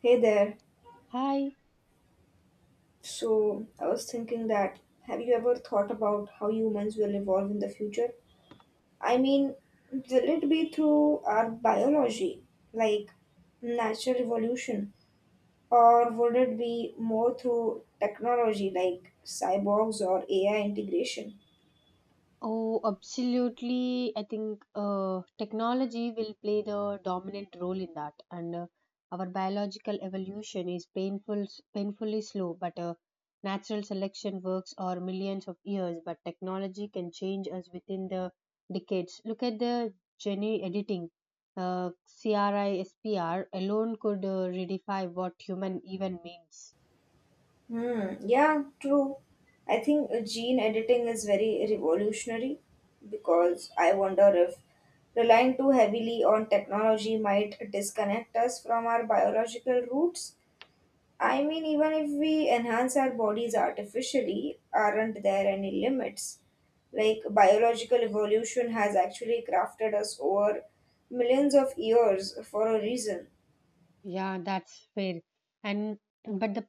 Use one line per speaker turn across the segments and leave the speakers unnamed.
Hey there.
Hi.
So, I was thinking that have you ever thought about how humans will evolve in the future? I mean, will it be through our biology, like natural evolution, or would it be more through technology, like cyborgs or AI integration?
Oh, absolutely. I think technology will play the dominant role in that, and our biological evolution is painful, painfully slow. But natural selection works or millions of years, but technology can change us within the decades. Look at the gene editing. Uh, CRISPR alone could redefine what human even means.
Hmm. Yeah, true. I think gene editing is very revolutionary because I wonder if relying too heavily on technology might disconnect us from our biological roots. I mean, even if we enhance our bodies artificially, aren't there any limits? Like, biological evolution has actually crafted us over millions of years for a reason.
Yeah, that's fair. And but the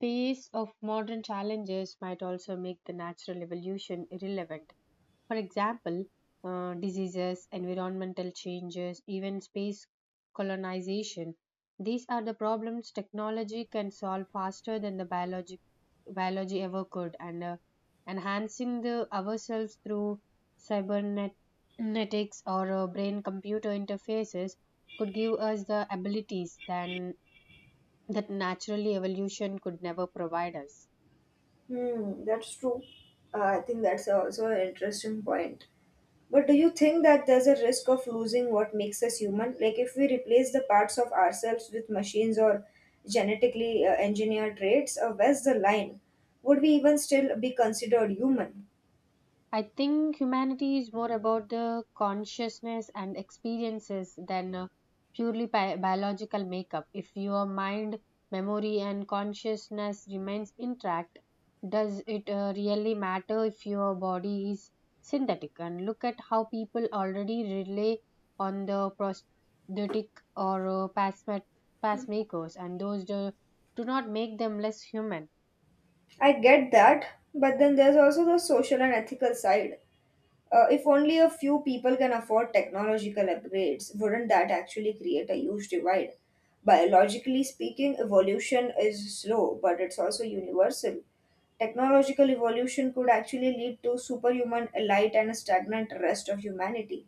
pace of modern challenges might also make the natural evolution irrelevant. For example, diseases, environmental changes, even space colonization. These are the problems technology can solve faster than the biology ever could, and enhancing the ourselves through cybernetics or brain computer interfaces could give us the abilities than that naturally evolution could never provide us.
Hmm, that's true. I think that's also an interesting point. But do you think that there's a risk of losing what makes us human? Like if we replace the parts of ourselves with machines or genetically engineered traits, where's the line? Would we even still be considered human?
I think humanity is more about the consciousness and experiences than purely biological makeup. If your mind, memory, and consciousness remains intact, does it really matter if your body is synthetic? And look at how people already rely on the prosthetic or pacemakers, and those do not make them less human.
I get that, but then there's also the social and ethical side. If only a few people can afford technological upgrades, wouldn't that actually create a huge divide? Biologically speaking, evolution is slow, but it's also universal. Technological evolution could actually lead to superhuman elite and a stagnant rest of humanity.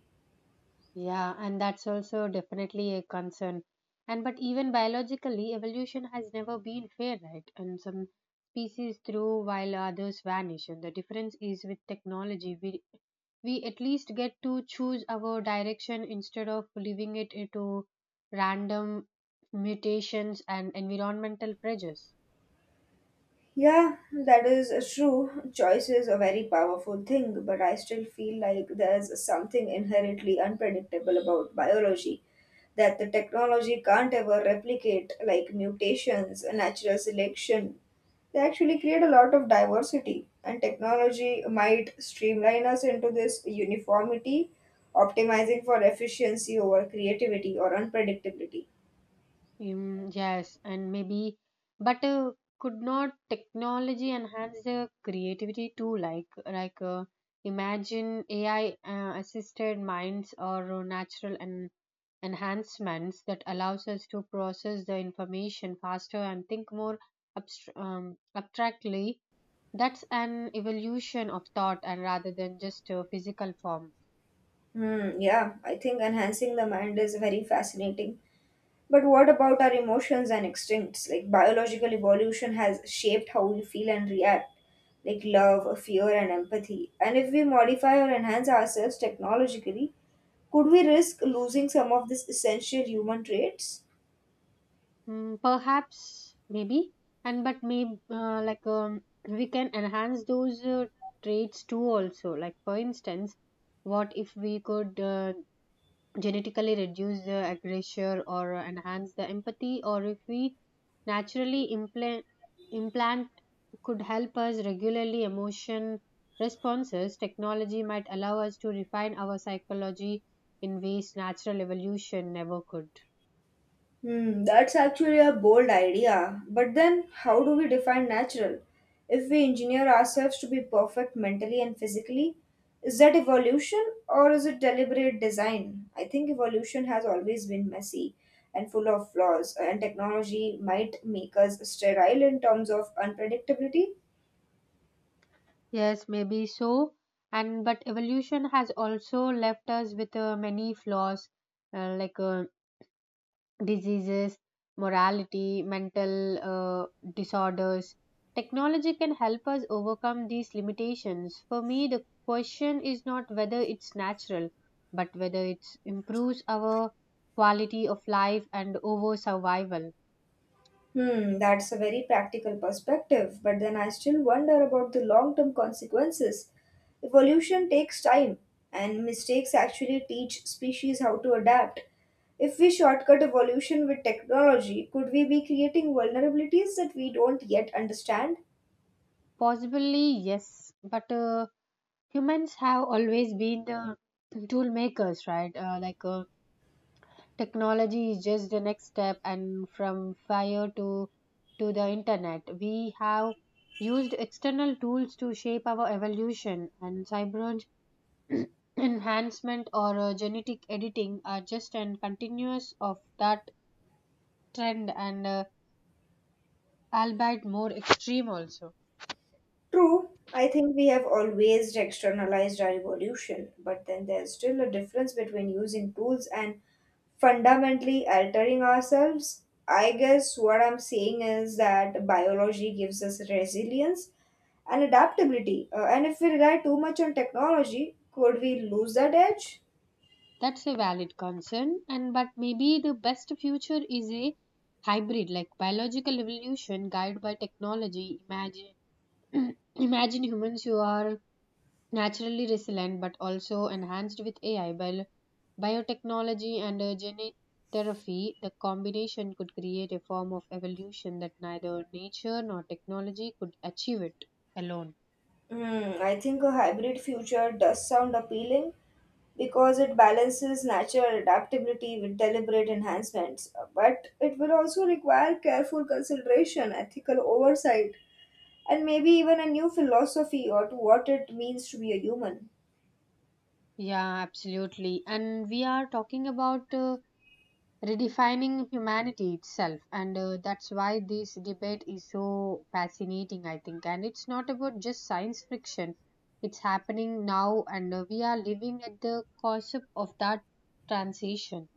Yeah, and that's also definitely a concern. And but even biologically, evolution has never been fair, right? And some species thrive while others vanish. And the difference is with technology, we at least get to choose our direction instead of leaving it to random mutations and environmental pressures.
Yeah, that is true. Choice is a very powerful thing, but I still feel like there's something inherently unpredictable about biology that the technology can't ever replicate, like mutations, natural selection. They actually create a lot of diversity, and technology might streamline us into this uniformity, optimizing for efficiency over creativity or unpredictability.
Mm, yes, and maybe, but could not technology enhance the creativity too? Like, imagine AI assisted minds or natural and enhancements that allows us to process the information faster and think more abstractly. That's an evolution of thought, and rather than just a physical form.
Hmm, yeah, I think enhancing the mind is very fascinating. But what about our emotions and instincts? Like biological evolution has shaped how we feel and react, like love, fear, and empathy. And if we modify or enhance ourselves technologically, could we risk losing some of these essential human traits?
Mm, perhaps, maybe, and but maybe like we can enhance those traits too. Also, like for instance, what if we could genetically reduce the aggression or enhance the empathy, or if we naturally implant could help us regularly emotion responses. Technology might allow us to refine our psychology in ways natural evolution never could.
Hmm, that's actually a bold idea. But then, how do we define natural? If we engineer ourselves to be perfect mentally and physically, is that evolution or is it deliberate design? I think evolution has always been messy and full of flaws, and technology might make us sterile in terms of unpredictability.
Yes, maybe so. And but evolution has also left us with many flaws like diseases, morality, mental disorders. Technology can help us overcome these limitations. For me, the question is not whether it's natural, but whether it improves our quality of life and over survival.
Hmm, that's a very practical perspective, but then I still wonder about the long term consequences. Evolution takes time, and mistakes actually teach species how to adapt. If we shortcut evolution with technology, could we be creating vulnerabilities that we don't yet understand?
Possibly, yes, but humans have always been the tool makers, right? Like, technology is just the next step, and from fire to the internet we have used external tools to shape our evolution, and cyber enhancement or genetic editing are just and continuous of that trend and albeit more extreme also.
True, I think we have always externalized our evolution, but then there's still a difference between using tools and fundamentally altering ourselves. I guess what I'm saying is that biology gives us resilience and adaptability. And if we rely too much on technology, could we lose that edge?
That's a valid concern, and but maybe the best future is a hybrid, like biological evolution guided by technology. Imagine, imagine humans who are naturally resilient but also enhanced with AI, biotechnology, and genetic therapy. The combination could create a form of evolution that neither nature nor technology could achieve it alone.
Hmm, I think a hybrid future does sound appealing, because it balances natural adaptability with deliberate enhancements. But it will also require careful consideration, ethical oversight, and maybe even a new philosophy or to what it means to be a human.
Yeah, absolutely. And we are talking about redefining humanity itself, and that's why this debate is so fascinating, I think. And it's not about just science fiction, it's happening now, and we are living at the cusp of that transition.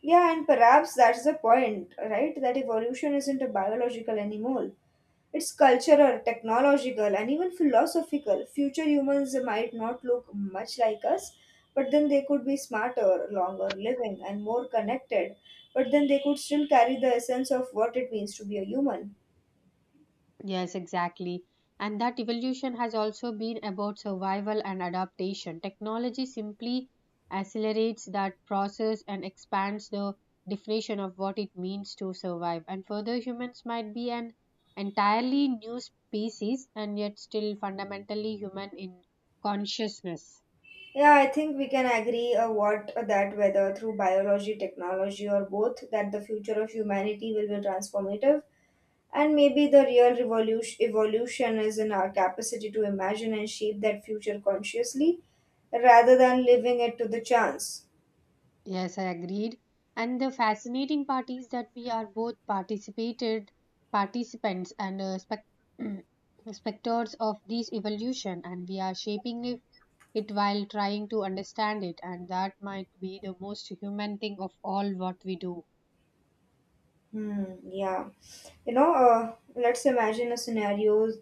Yeah, and perhaps that's the point, right? That evolution isn't a biological animal. It's cultural, technological, and even philosophical. Future humans might not look much like us, but then they could be smarter, longer living, and more connected. But then they could still carry the essence of what it means to be a human.
Yes, exactly. And that evolution has also been about survival and adaptation. Technology simply accelerates that process and expands the definition of what it means to survive. And further, humans might be an entirely new species and yet still fundamentally human in consciousness.
Yeah, I think we can agree what that whether through biology, technology, or both, that the future of humanity will be transformative. And maybe the real revolution, evolution is in our capacity to imagine and shape that future consciously rather than leaving it to the chance.
Yes, I agreed. And the fascinating part is that we are both participated participants and spectators of this evolution, and we are shaping it while trying to understand it, and that might be the most human thing of all what we do.
Hmm, yeah. You know, let's imagine a scenario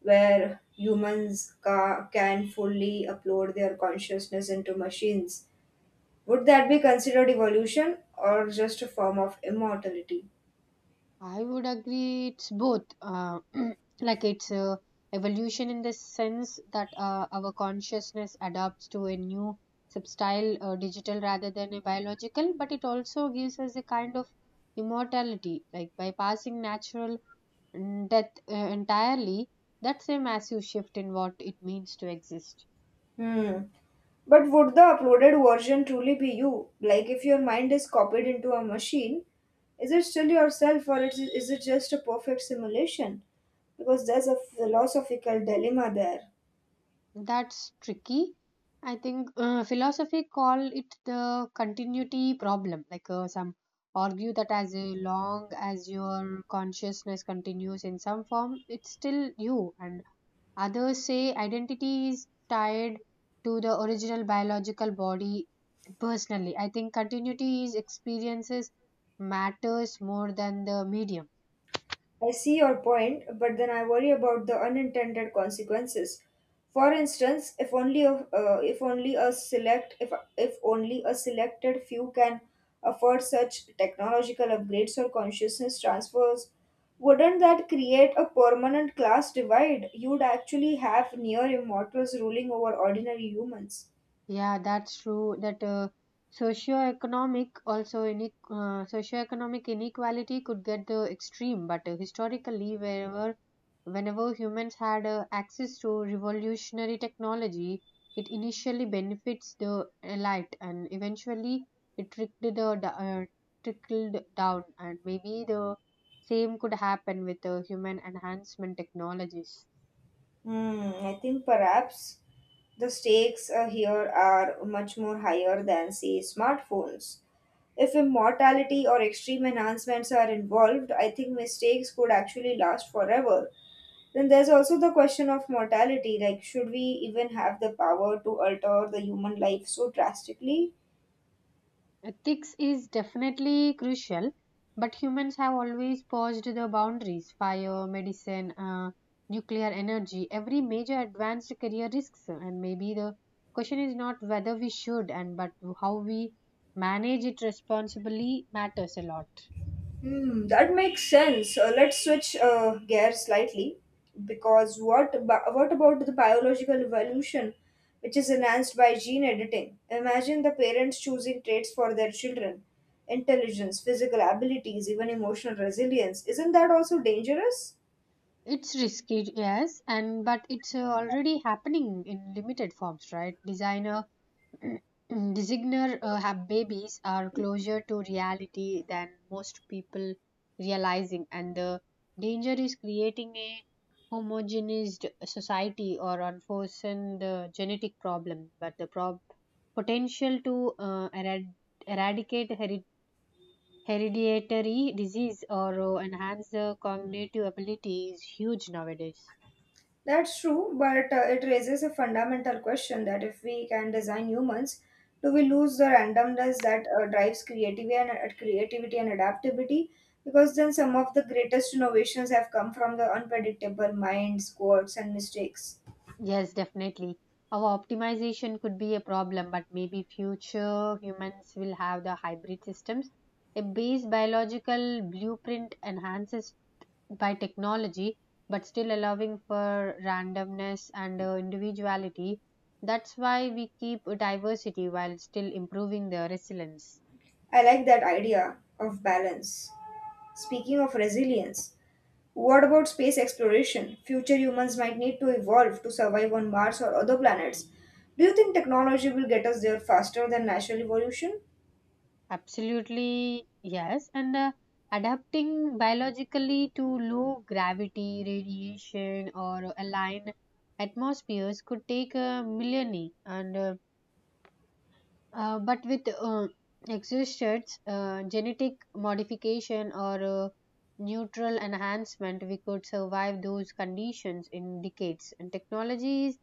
where humans can fully upload their consciousness into machines. Would that be considered evolution or just a form of immortality?
I would agree it's both. Like it's a evolution in the sense that our consciousness adapts to a new substyle, digital rather than a biological, but it also gives us a kind of immortality, like bypassing natural death entirely. That's a massive shift in what it means to exist.
Hmm. But would the uploaded version truly be you? Like if your mind is copied into a machine, is it still yourself or is it just a perfect simulation? Because there's a philosophical dilemma there.
That's tricky. I think philosophy call it the continuity problem. Like, some argue that as a long as your consciousness continues in some form, it's still you. And others say identity is tied to the original biological body. Personally, I think continuity is experiences matters more than the medium.
I see your point, but then I worry about the unintended consequences. For instance, if only a selected few can afford such technological upgrades or consciousness transfers, wouldn't that create a permanent class divide? You'd actually have near immortals ruling over ordinary humans.
Yeah, that's true. That socioeconomic also socioeconomic inequality could get the extreme, but historically, wherever whenever humans had access to revolutionary technology, it initially benefits the elite, and eventually it trickled down, and maybe the same could happen with human enhancement technologies.
Hmm, I think perhaps the stakes here are much more higher than, say, smartphones. If immortality or extreme enhancements are involved, I think mistakes could actually last forever. Then there's also the question of mortality like, should we even have the power to alter the human life so drastically?
Ethics is definitely crucial, but humans have always pushed the boundaries. Fire, medicine, nuclear energy, every major advanced career risks. And maybe the question is not whether we should, and but how we manage it responsibly matters a lot.
Hmm, that makes sense. Let's switch gears slightly because what about the biological evolution which is enhanced by gene editing? Imagine the parents choosing traits for their children intelligence, physical abilities, even emotional resilience. Isn't that also dangerous?
It's risky, yes, and but it's already happening in limited forms, right? Designer designer have babies are closer to reality than most people realizing, and the danger is creating a homogenized society or unforeseen the genetic problem, but the potential to eradicate hereditary disease or enhance the cognitive ability is huge nowadays.
That's true, but it raises a fundamental question that if we can design humans, do we lose the randomness that drives creativity and adaptability? Because then some of the greatest innovations have come from the unpredictable minds, quirks, and mistakes.
Yes, definitely. Our optimization could be a problem, but maybe future humans will have the hybrid systems. A base biological blueprint enhances by technology, but still allowing for randomness and individuality. That's why we keep diversity while still improving the resilience.
I like that idea of balance. Speaking of resilience, what about space exploration? Future humans might need to evolve to survive on Mars or other planets. Do you think technology will get us there faster than natural evolution?
Absolutely, yes. And adapting biologically to low gravity, radiation, or aligned atmospheres could take a millennia. And but with existed genetic modification or neutral enhancement, we could survive those conditions in decades. And technology is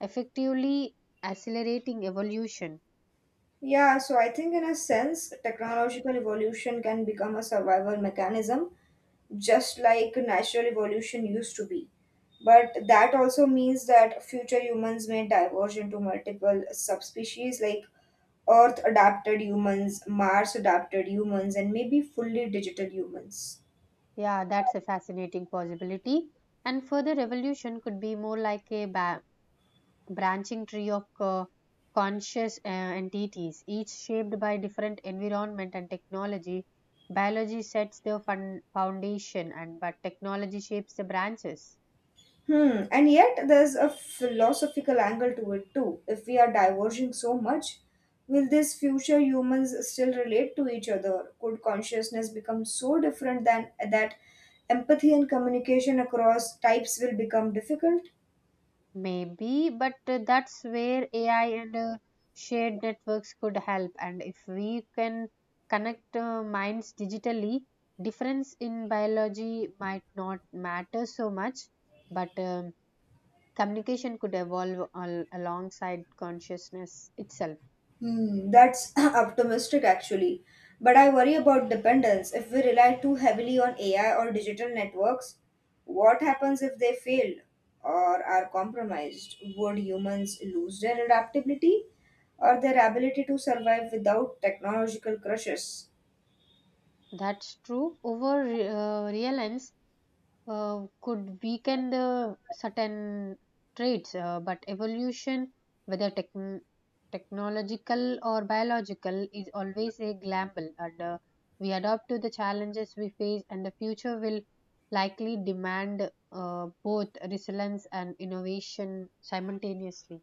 effectively accelerating evolution.
Yeah, so I think in a sense, technological evolution can become a survival mechanism, just like natural evolution used to be. But that also means that future humans may diverge into multiple subspecies like Earth adapted humans, Mars adapted humans, and maybe fully digital humans.
Yeah, that's a fascinating possibility. And further evolution could be more like a branching tree of conscious entities, each shaped by different environment and technology. Biology sets the foundation, and but technology shapes the branches.
Hmm. And yet, there's a philosophical angle to it too. If we are diverging so much, will these future humans still relate to each other? Could consciousness become so different than that empathy and communication across types will become difficult?
Maybe, but that's where AI and shared networks could help. And if we can connect minds digitally, difference in biology might not matter so much, but communication could evolve alongside consciousness itself.
Hmm, that's optimistic actually. But I worry about dependence. If we rely too heavily on AI or digital networks, what happens if they fail or are compromised? Would humans lose their adaptability or their ability to survive without technological crushes?
That's true. Over reliance could weaken the certain traits, but evolution, whether technological or biological, is always a gamble, and we adapt to the challenges we face, and the future will likely demand both resilience and innovation simultaneously.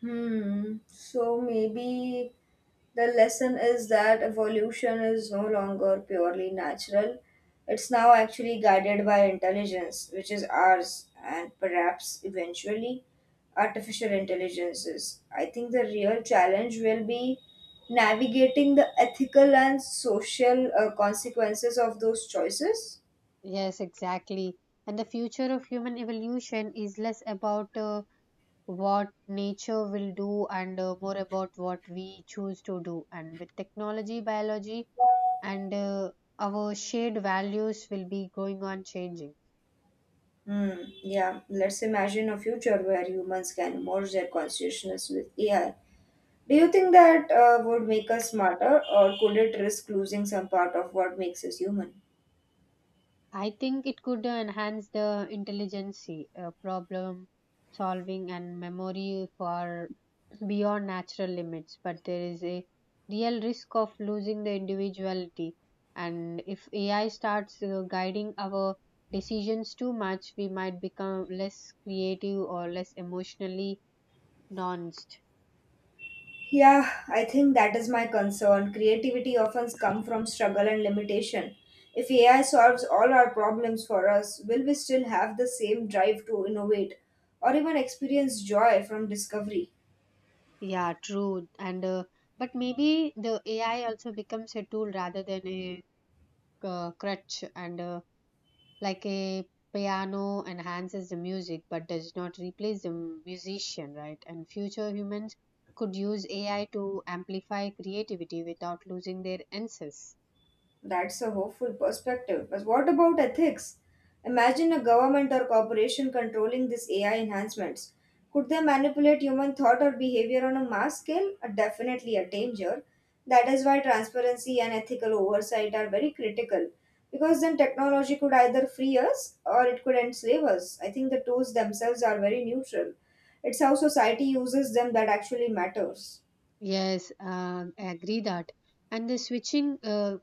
Hmm. So maybe the lesson is that evolution is no longer purely natural. It's now actually guided by intelligence, which is ours, and perhaps eventually artificial intelligences. I think the real challenge will be navigating the ethical and social consequences of those choices.
Yes, exactly. And the future of human evolution is less about what nature will do and more about what we choose to do, and with technology, biology, and our shared values will be going on changing.
Hmm. Yeah. Let's imagine a future where humans can merge their consciousness with AI. Do you think that would make us smarter, or could it risk losing some part of what makes us human?
I think it could enhance the intelligence, problem solving, and memory for beyond natural limits, but there is a real risk of losing the individuality. And if AI starts guiding our decisions too much, we might become less creative or less emotionally nuanced.
Yeah, I think that is my concern. Creativity often comes from struggle and limitation. If AI solves all our problems for us, will we still have the same drive to innovate or even experience joy from discovery?
Yeah, true. And but maybe the AI also becomes a tool rather than a crutch, and like a piano enhances the music but does not replace the musician, right? And future humans could use AI to amplify creativity without losing their essence.
That's a hopeful perspective. But what about ethics? Imagine a government or corporation controlling these AI enhancements. Could they manipulate human thought or behavior on a mass scale? Definitely a danger. That is why transparency and ethical oversight are very critical. Because then technology could either free us or it could enslave us. I think the tools themselves are very neutral. It's how society uses them that actually matters.
Yes, I agree that. And the switching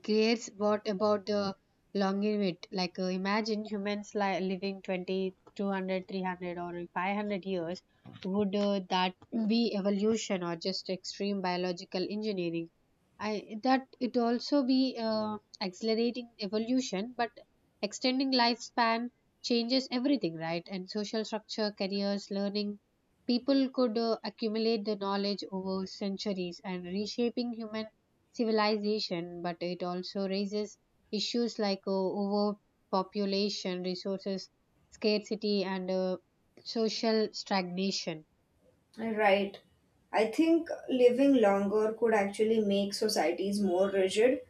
Gates, what about the longevity? Like, imagine humans living 20, 200, 300, or 500 years. Would that be evolution or just extreme biological engineering? I that it also be accelerating evolution, but extending lifespan changes everything, right? And social structure, careers, learning. People could accumulate the knowledge over centuries and reshaping human civilization, but it also raises issues like overpopulation, resources scarcity, and social stagnation.
Right. I think living longer could actually make societies more rigid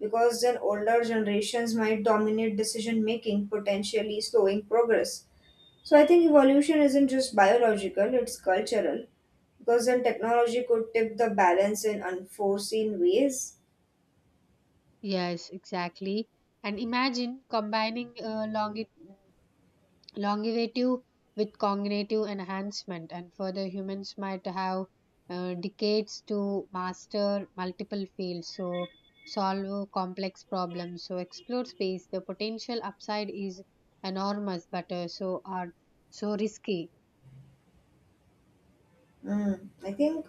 because then older generations might dominate decision making, potentially slowing progress. So I think evolution isn't just biological, it's cultural because then technology could tip the balance in unforeseen ways.
Yes, exactly. And imagine combining longevity with cognitive enhancement, and further humans might have decades to master multiple fields, so solve complex problems, so explore space. The potential upside is enormous, but so are so risky.
Mm, I think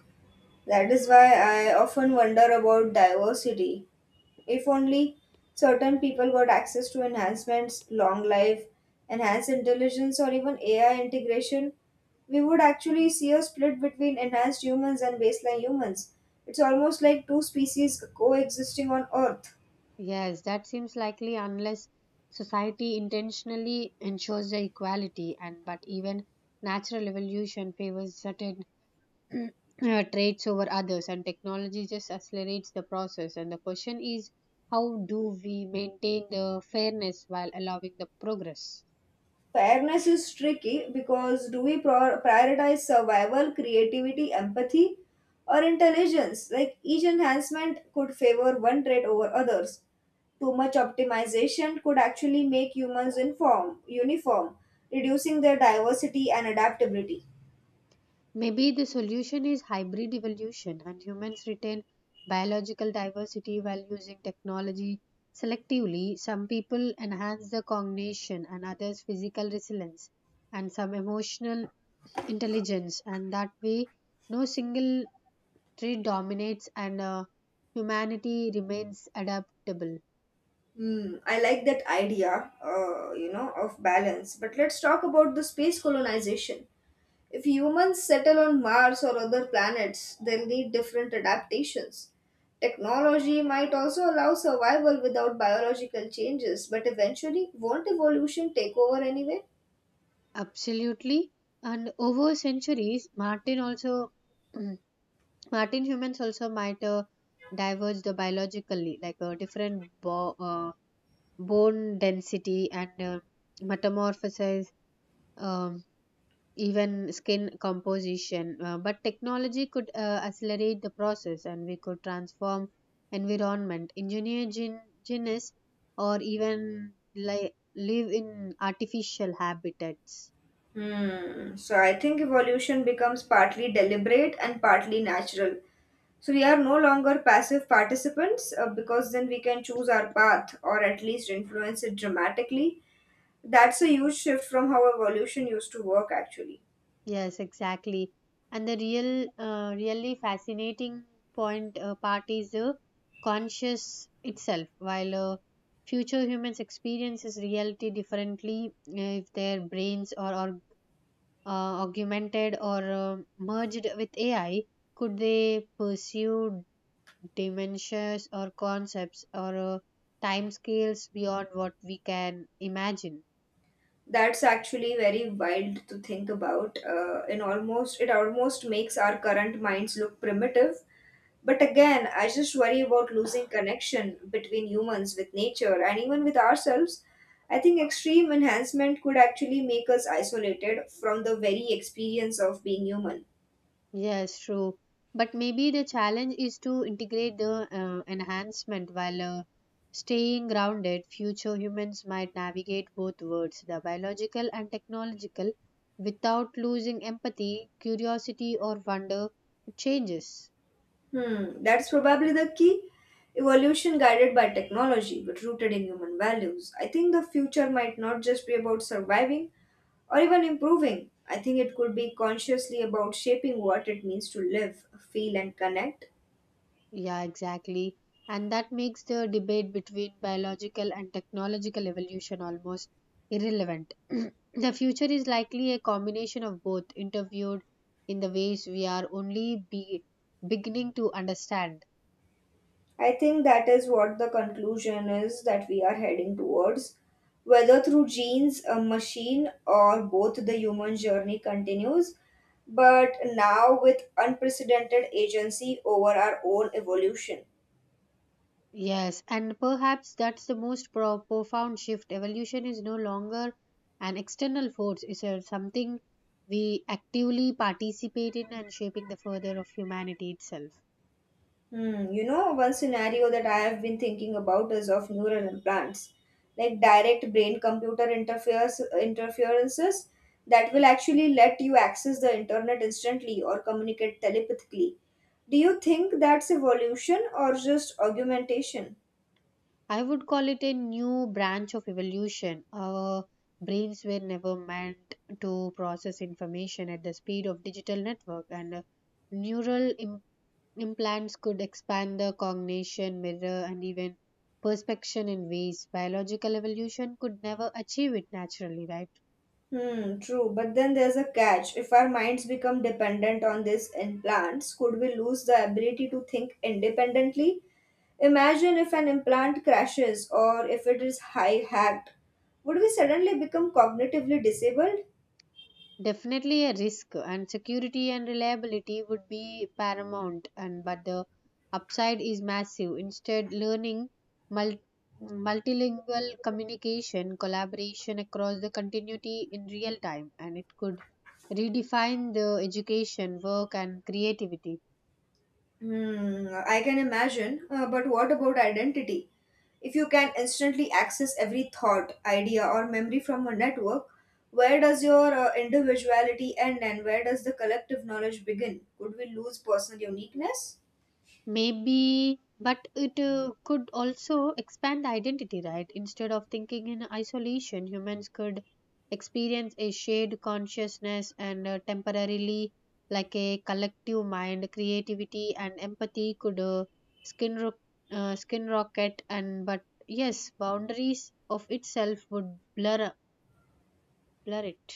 that is why I often wonder about diversity. If only certain people got access to enhancements, long life, enhanced intelligence, or even AI integration, we would actually see a split between enhanced humans and baseline humans. It's almost like two species coexisting on Earth.
Yes, that seems likely unless society intentionally ensures the equality, and but even natural evolution favors certain traits over others, and technology just accelerates the process, and the question is how do we maintain the fairness while allowing the progress.
Fairness is tricky because do we prioritize survival, creativity, empathy, or intelligence? Like each enhancement could favor one trait over others. Too much optimization could actually make humans inform, uniform, reducing their diversity and adaptability.
Maybe the solution is hybrid evolution, and humans retain biological diversity while using technology selectively. Some people enhance the cognition, and others physical resilience, and some emotional intelligence. And that way no single trade dominates, and humanity remains adaptable.
Hmm, I like that idea, you know, of balance. But let's talk about the space colonization. If humans settle on Mars or other planets, they'll need different adaptations. Technology might also allow survival without biological changes, but eventually, won't evolution take over anyway?
Absolutely. And over centuries, Martin also, Martin humans also might diverge the biologically, like a different bone density and metamorphosis. Um, even skin composition. But technology could accelerate the process, and we could transform environment, engineer genes, or even like live in artificial habitats.
Hmm, so I think evolution becomes partly deliberate and partly natural. So we are no longer passive participants because then we can choose our path or at least influence it dramatically. That's a huge shift from how evolution used to work actually.
Yes, exactly. And the real, really fascinating point part is the conscious itself. While future humans experiences reality differently, if their brains or augmented or merged with AI, could they pursue dimensions or concepts or time scales beyond what we can imagine?
That's actually very wild to think about. It almost makes our current minds look primitive. But again, I just worry about losing connection between humans with nature and even with ourselves. I think extreme enhancement could actually make us isolated from the very experience of being human.
Yes, true. But maybe the challenge is to integrate the enhancement while staying grounded. Future humans might navigate both worlds, the biological and technological, without losing empathy, curiosity, or wonder. It changes.
Hmm, that's probably the key. Evolution guided by technology but rooted in human values. I think the future might not just be about surviving or even improving. I think it could be consciously about shaping what it means to live, feel, and connect.
Yeah, exactly. And that makes the debate between biological and technological evolution almost irrelevant. The future is likely a combination of both, interviewed in the ways we are only be beginning to understand.
I think that is what the conclusion is that we are heading towards. Whether through genes, a machine, or both, the human journey continues, but now with unprecedented agency over our own evolution.
Yes, and perhaps that's the most profound shift. Evolution is no longer an external force, it's a, something we actively participate in and shaping the further of humanity itself.
Hmm, you know, one scenario that I have been thinking about is of neural implants, like direct brain computer interferes interferences that will actually let you access the internet instantly or communicate telepathically. Do you think that's evolution or just augmentation?
I would call it a new branch of evolution. Our brains were never meant to process information at the speed of digital network, and neural Im- implants could expand the cognition, mirror, and even perspection in ways biological evolution could never achieve it naturally, right?
Hmm, true, but then there's a catch. If our minds become dependent on these implants, could we lose the ability to think independently? Imagine if an implant crashes or if it is high hacked. Would we suddenly become cognitively disabled?
Definitely a risk, and security and reliability would be paramount, and but the upside is massive. Instead, learning mul- multilingual communication, collaboration across the continuity in real time, and it could redefine the education, work, and creativity.
Hmm, I can imagine. But what about identity? If you can instantly access every thought, idea, or memory from a network, where does your individuality end and where does the collective knowledge begin? Could we lose personal uniqueness?
Maybe, but it could also expand identity, right? Instead of thinking in isolation, humans could experience a shared consciousness and temporarily, like a collective mind, creativity and empathy could skin ro- skin rocket and but yes, boundaries of itself would blur it.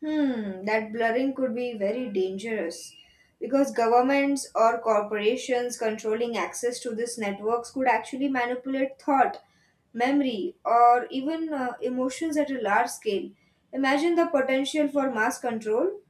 Hmm, that blurring could be very dangerous because governments or corporations controlling access to these networks could actually manipulate thought, memory, or even emotions at a large scale. Imagine the potential for mass control.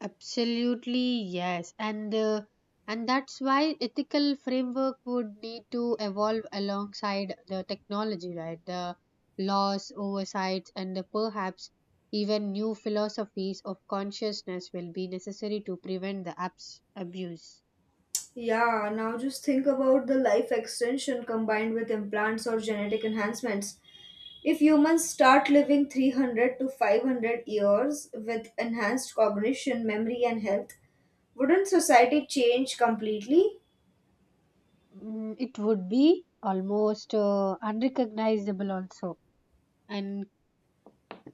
Absolutely, yes. And that's why ethical framework would need to evolve alongside the technology, right? The laws, oversights, and the perhaps even new philosophies of consciousness will be necessary to prevent the abuse.
Yeah, now just think about the life extension combined with implants or genetic enhancements. If humans start living 300 to 500 years with enhanced cognition, memory, and health, wouldn't society change completely?
Mm, it would be almost unrecognizable also. And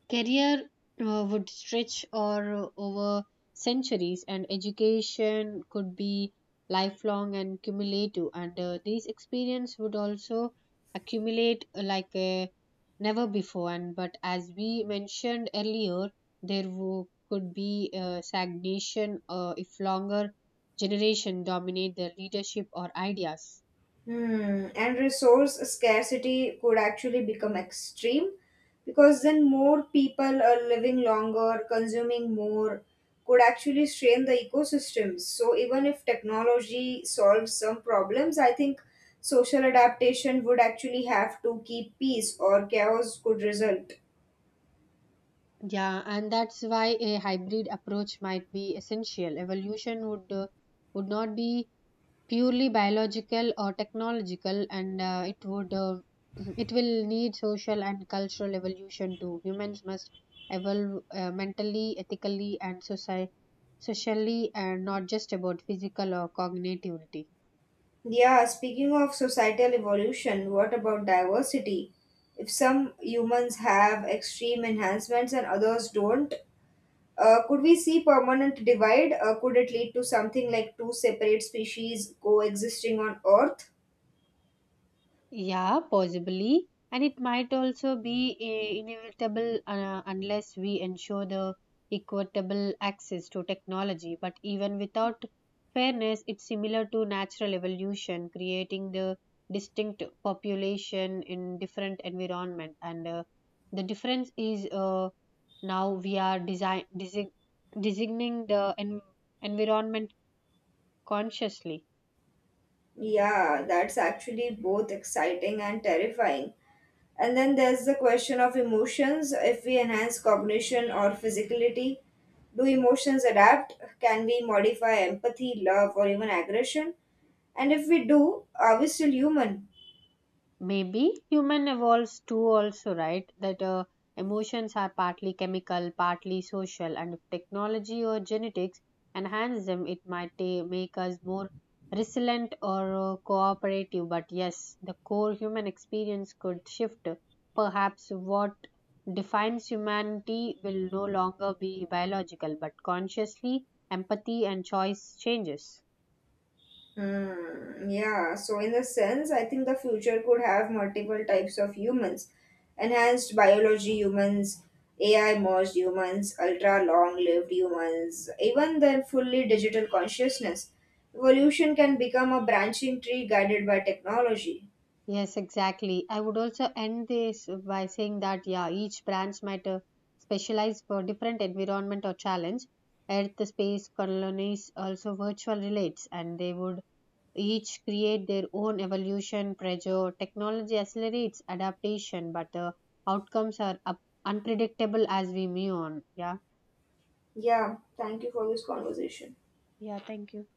career would stretch or over centuries, and education could be lifelong and cumulative. And these experience would also accumulate like a never before. And but as we mentioned earlier, there could be stagnation if longer generation dominate their leadership or ideas.
Hmm. And resource scarcity could actually become extreme because then more people are living longer, consuming more, could actually strain the ecosystems. So, even if technology solves some problems, I think social adaptation would actually have to keep peace or chaos could result.
Yeah, and that's why a hybrid approach might be essential. Evolution would not be purely biological or technological and it would it will need social and cultural evolution too humans must evolve mentally ethically and socially and not just about physical or cognitivity.
Yeah, speaking of societal evolution, what about diversity? If some humans have extreme enhancements and others don't, could we see permanent divide? Could it lead to something like two separate species coexisting on Earth?
Yeah, possibly. And it might also be inevitable unless we ensure the equitable access to technology. But even without fairness, it's similar to natural evolution, creating the distinct population in different environment. And the difference is now we are design designing the environment consciously.
Yeah, that's actually both exciting and terrifying. And then there's the question of emotions if we enhance cognition or physicality. Do emotions adapt? Can we modify empathy, love, or even aggression? And if we do, are we still human?
Maybe human evolves too also, right? That emotions are partly chemical, partly social, and if technology or genetics enhance them, it might make us more resilient or cooperative. But yes, the core human experience could shift. Perhaps what defines humanity will no longer be biological, but consciously empathy and choice changes.
Hmm, yeah, so in the sense, I think the future could have multiple types of humans. Enhanced biology humans, AI merged humans, ultra long lived humans, even then fully digital consciousness. Evolution can become a branching tree guided by technology.
Yes, exactly. I would also end this by saying that, yeah, each branch might specialize for different environment or challenge. Earth, space, colonies, also virtual relates, and they would each create their own evolution pressure. Technology accelerates adaptation, but the outcomes are unpredictable as we move on. Yeah.
Yeah, thank you for this conversation.
Yeah, thank you.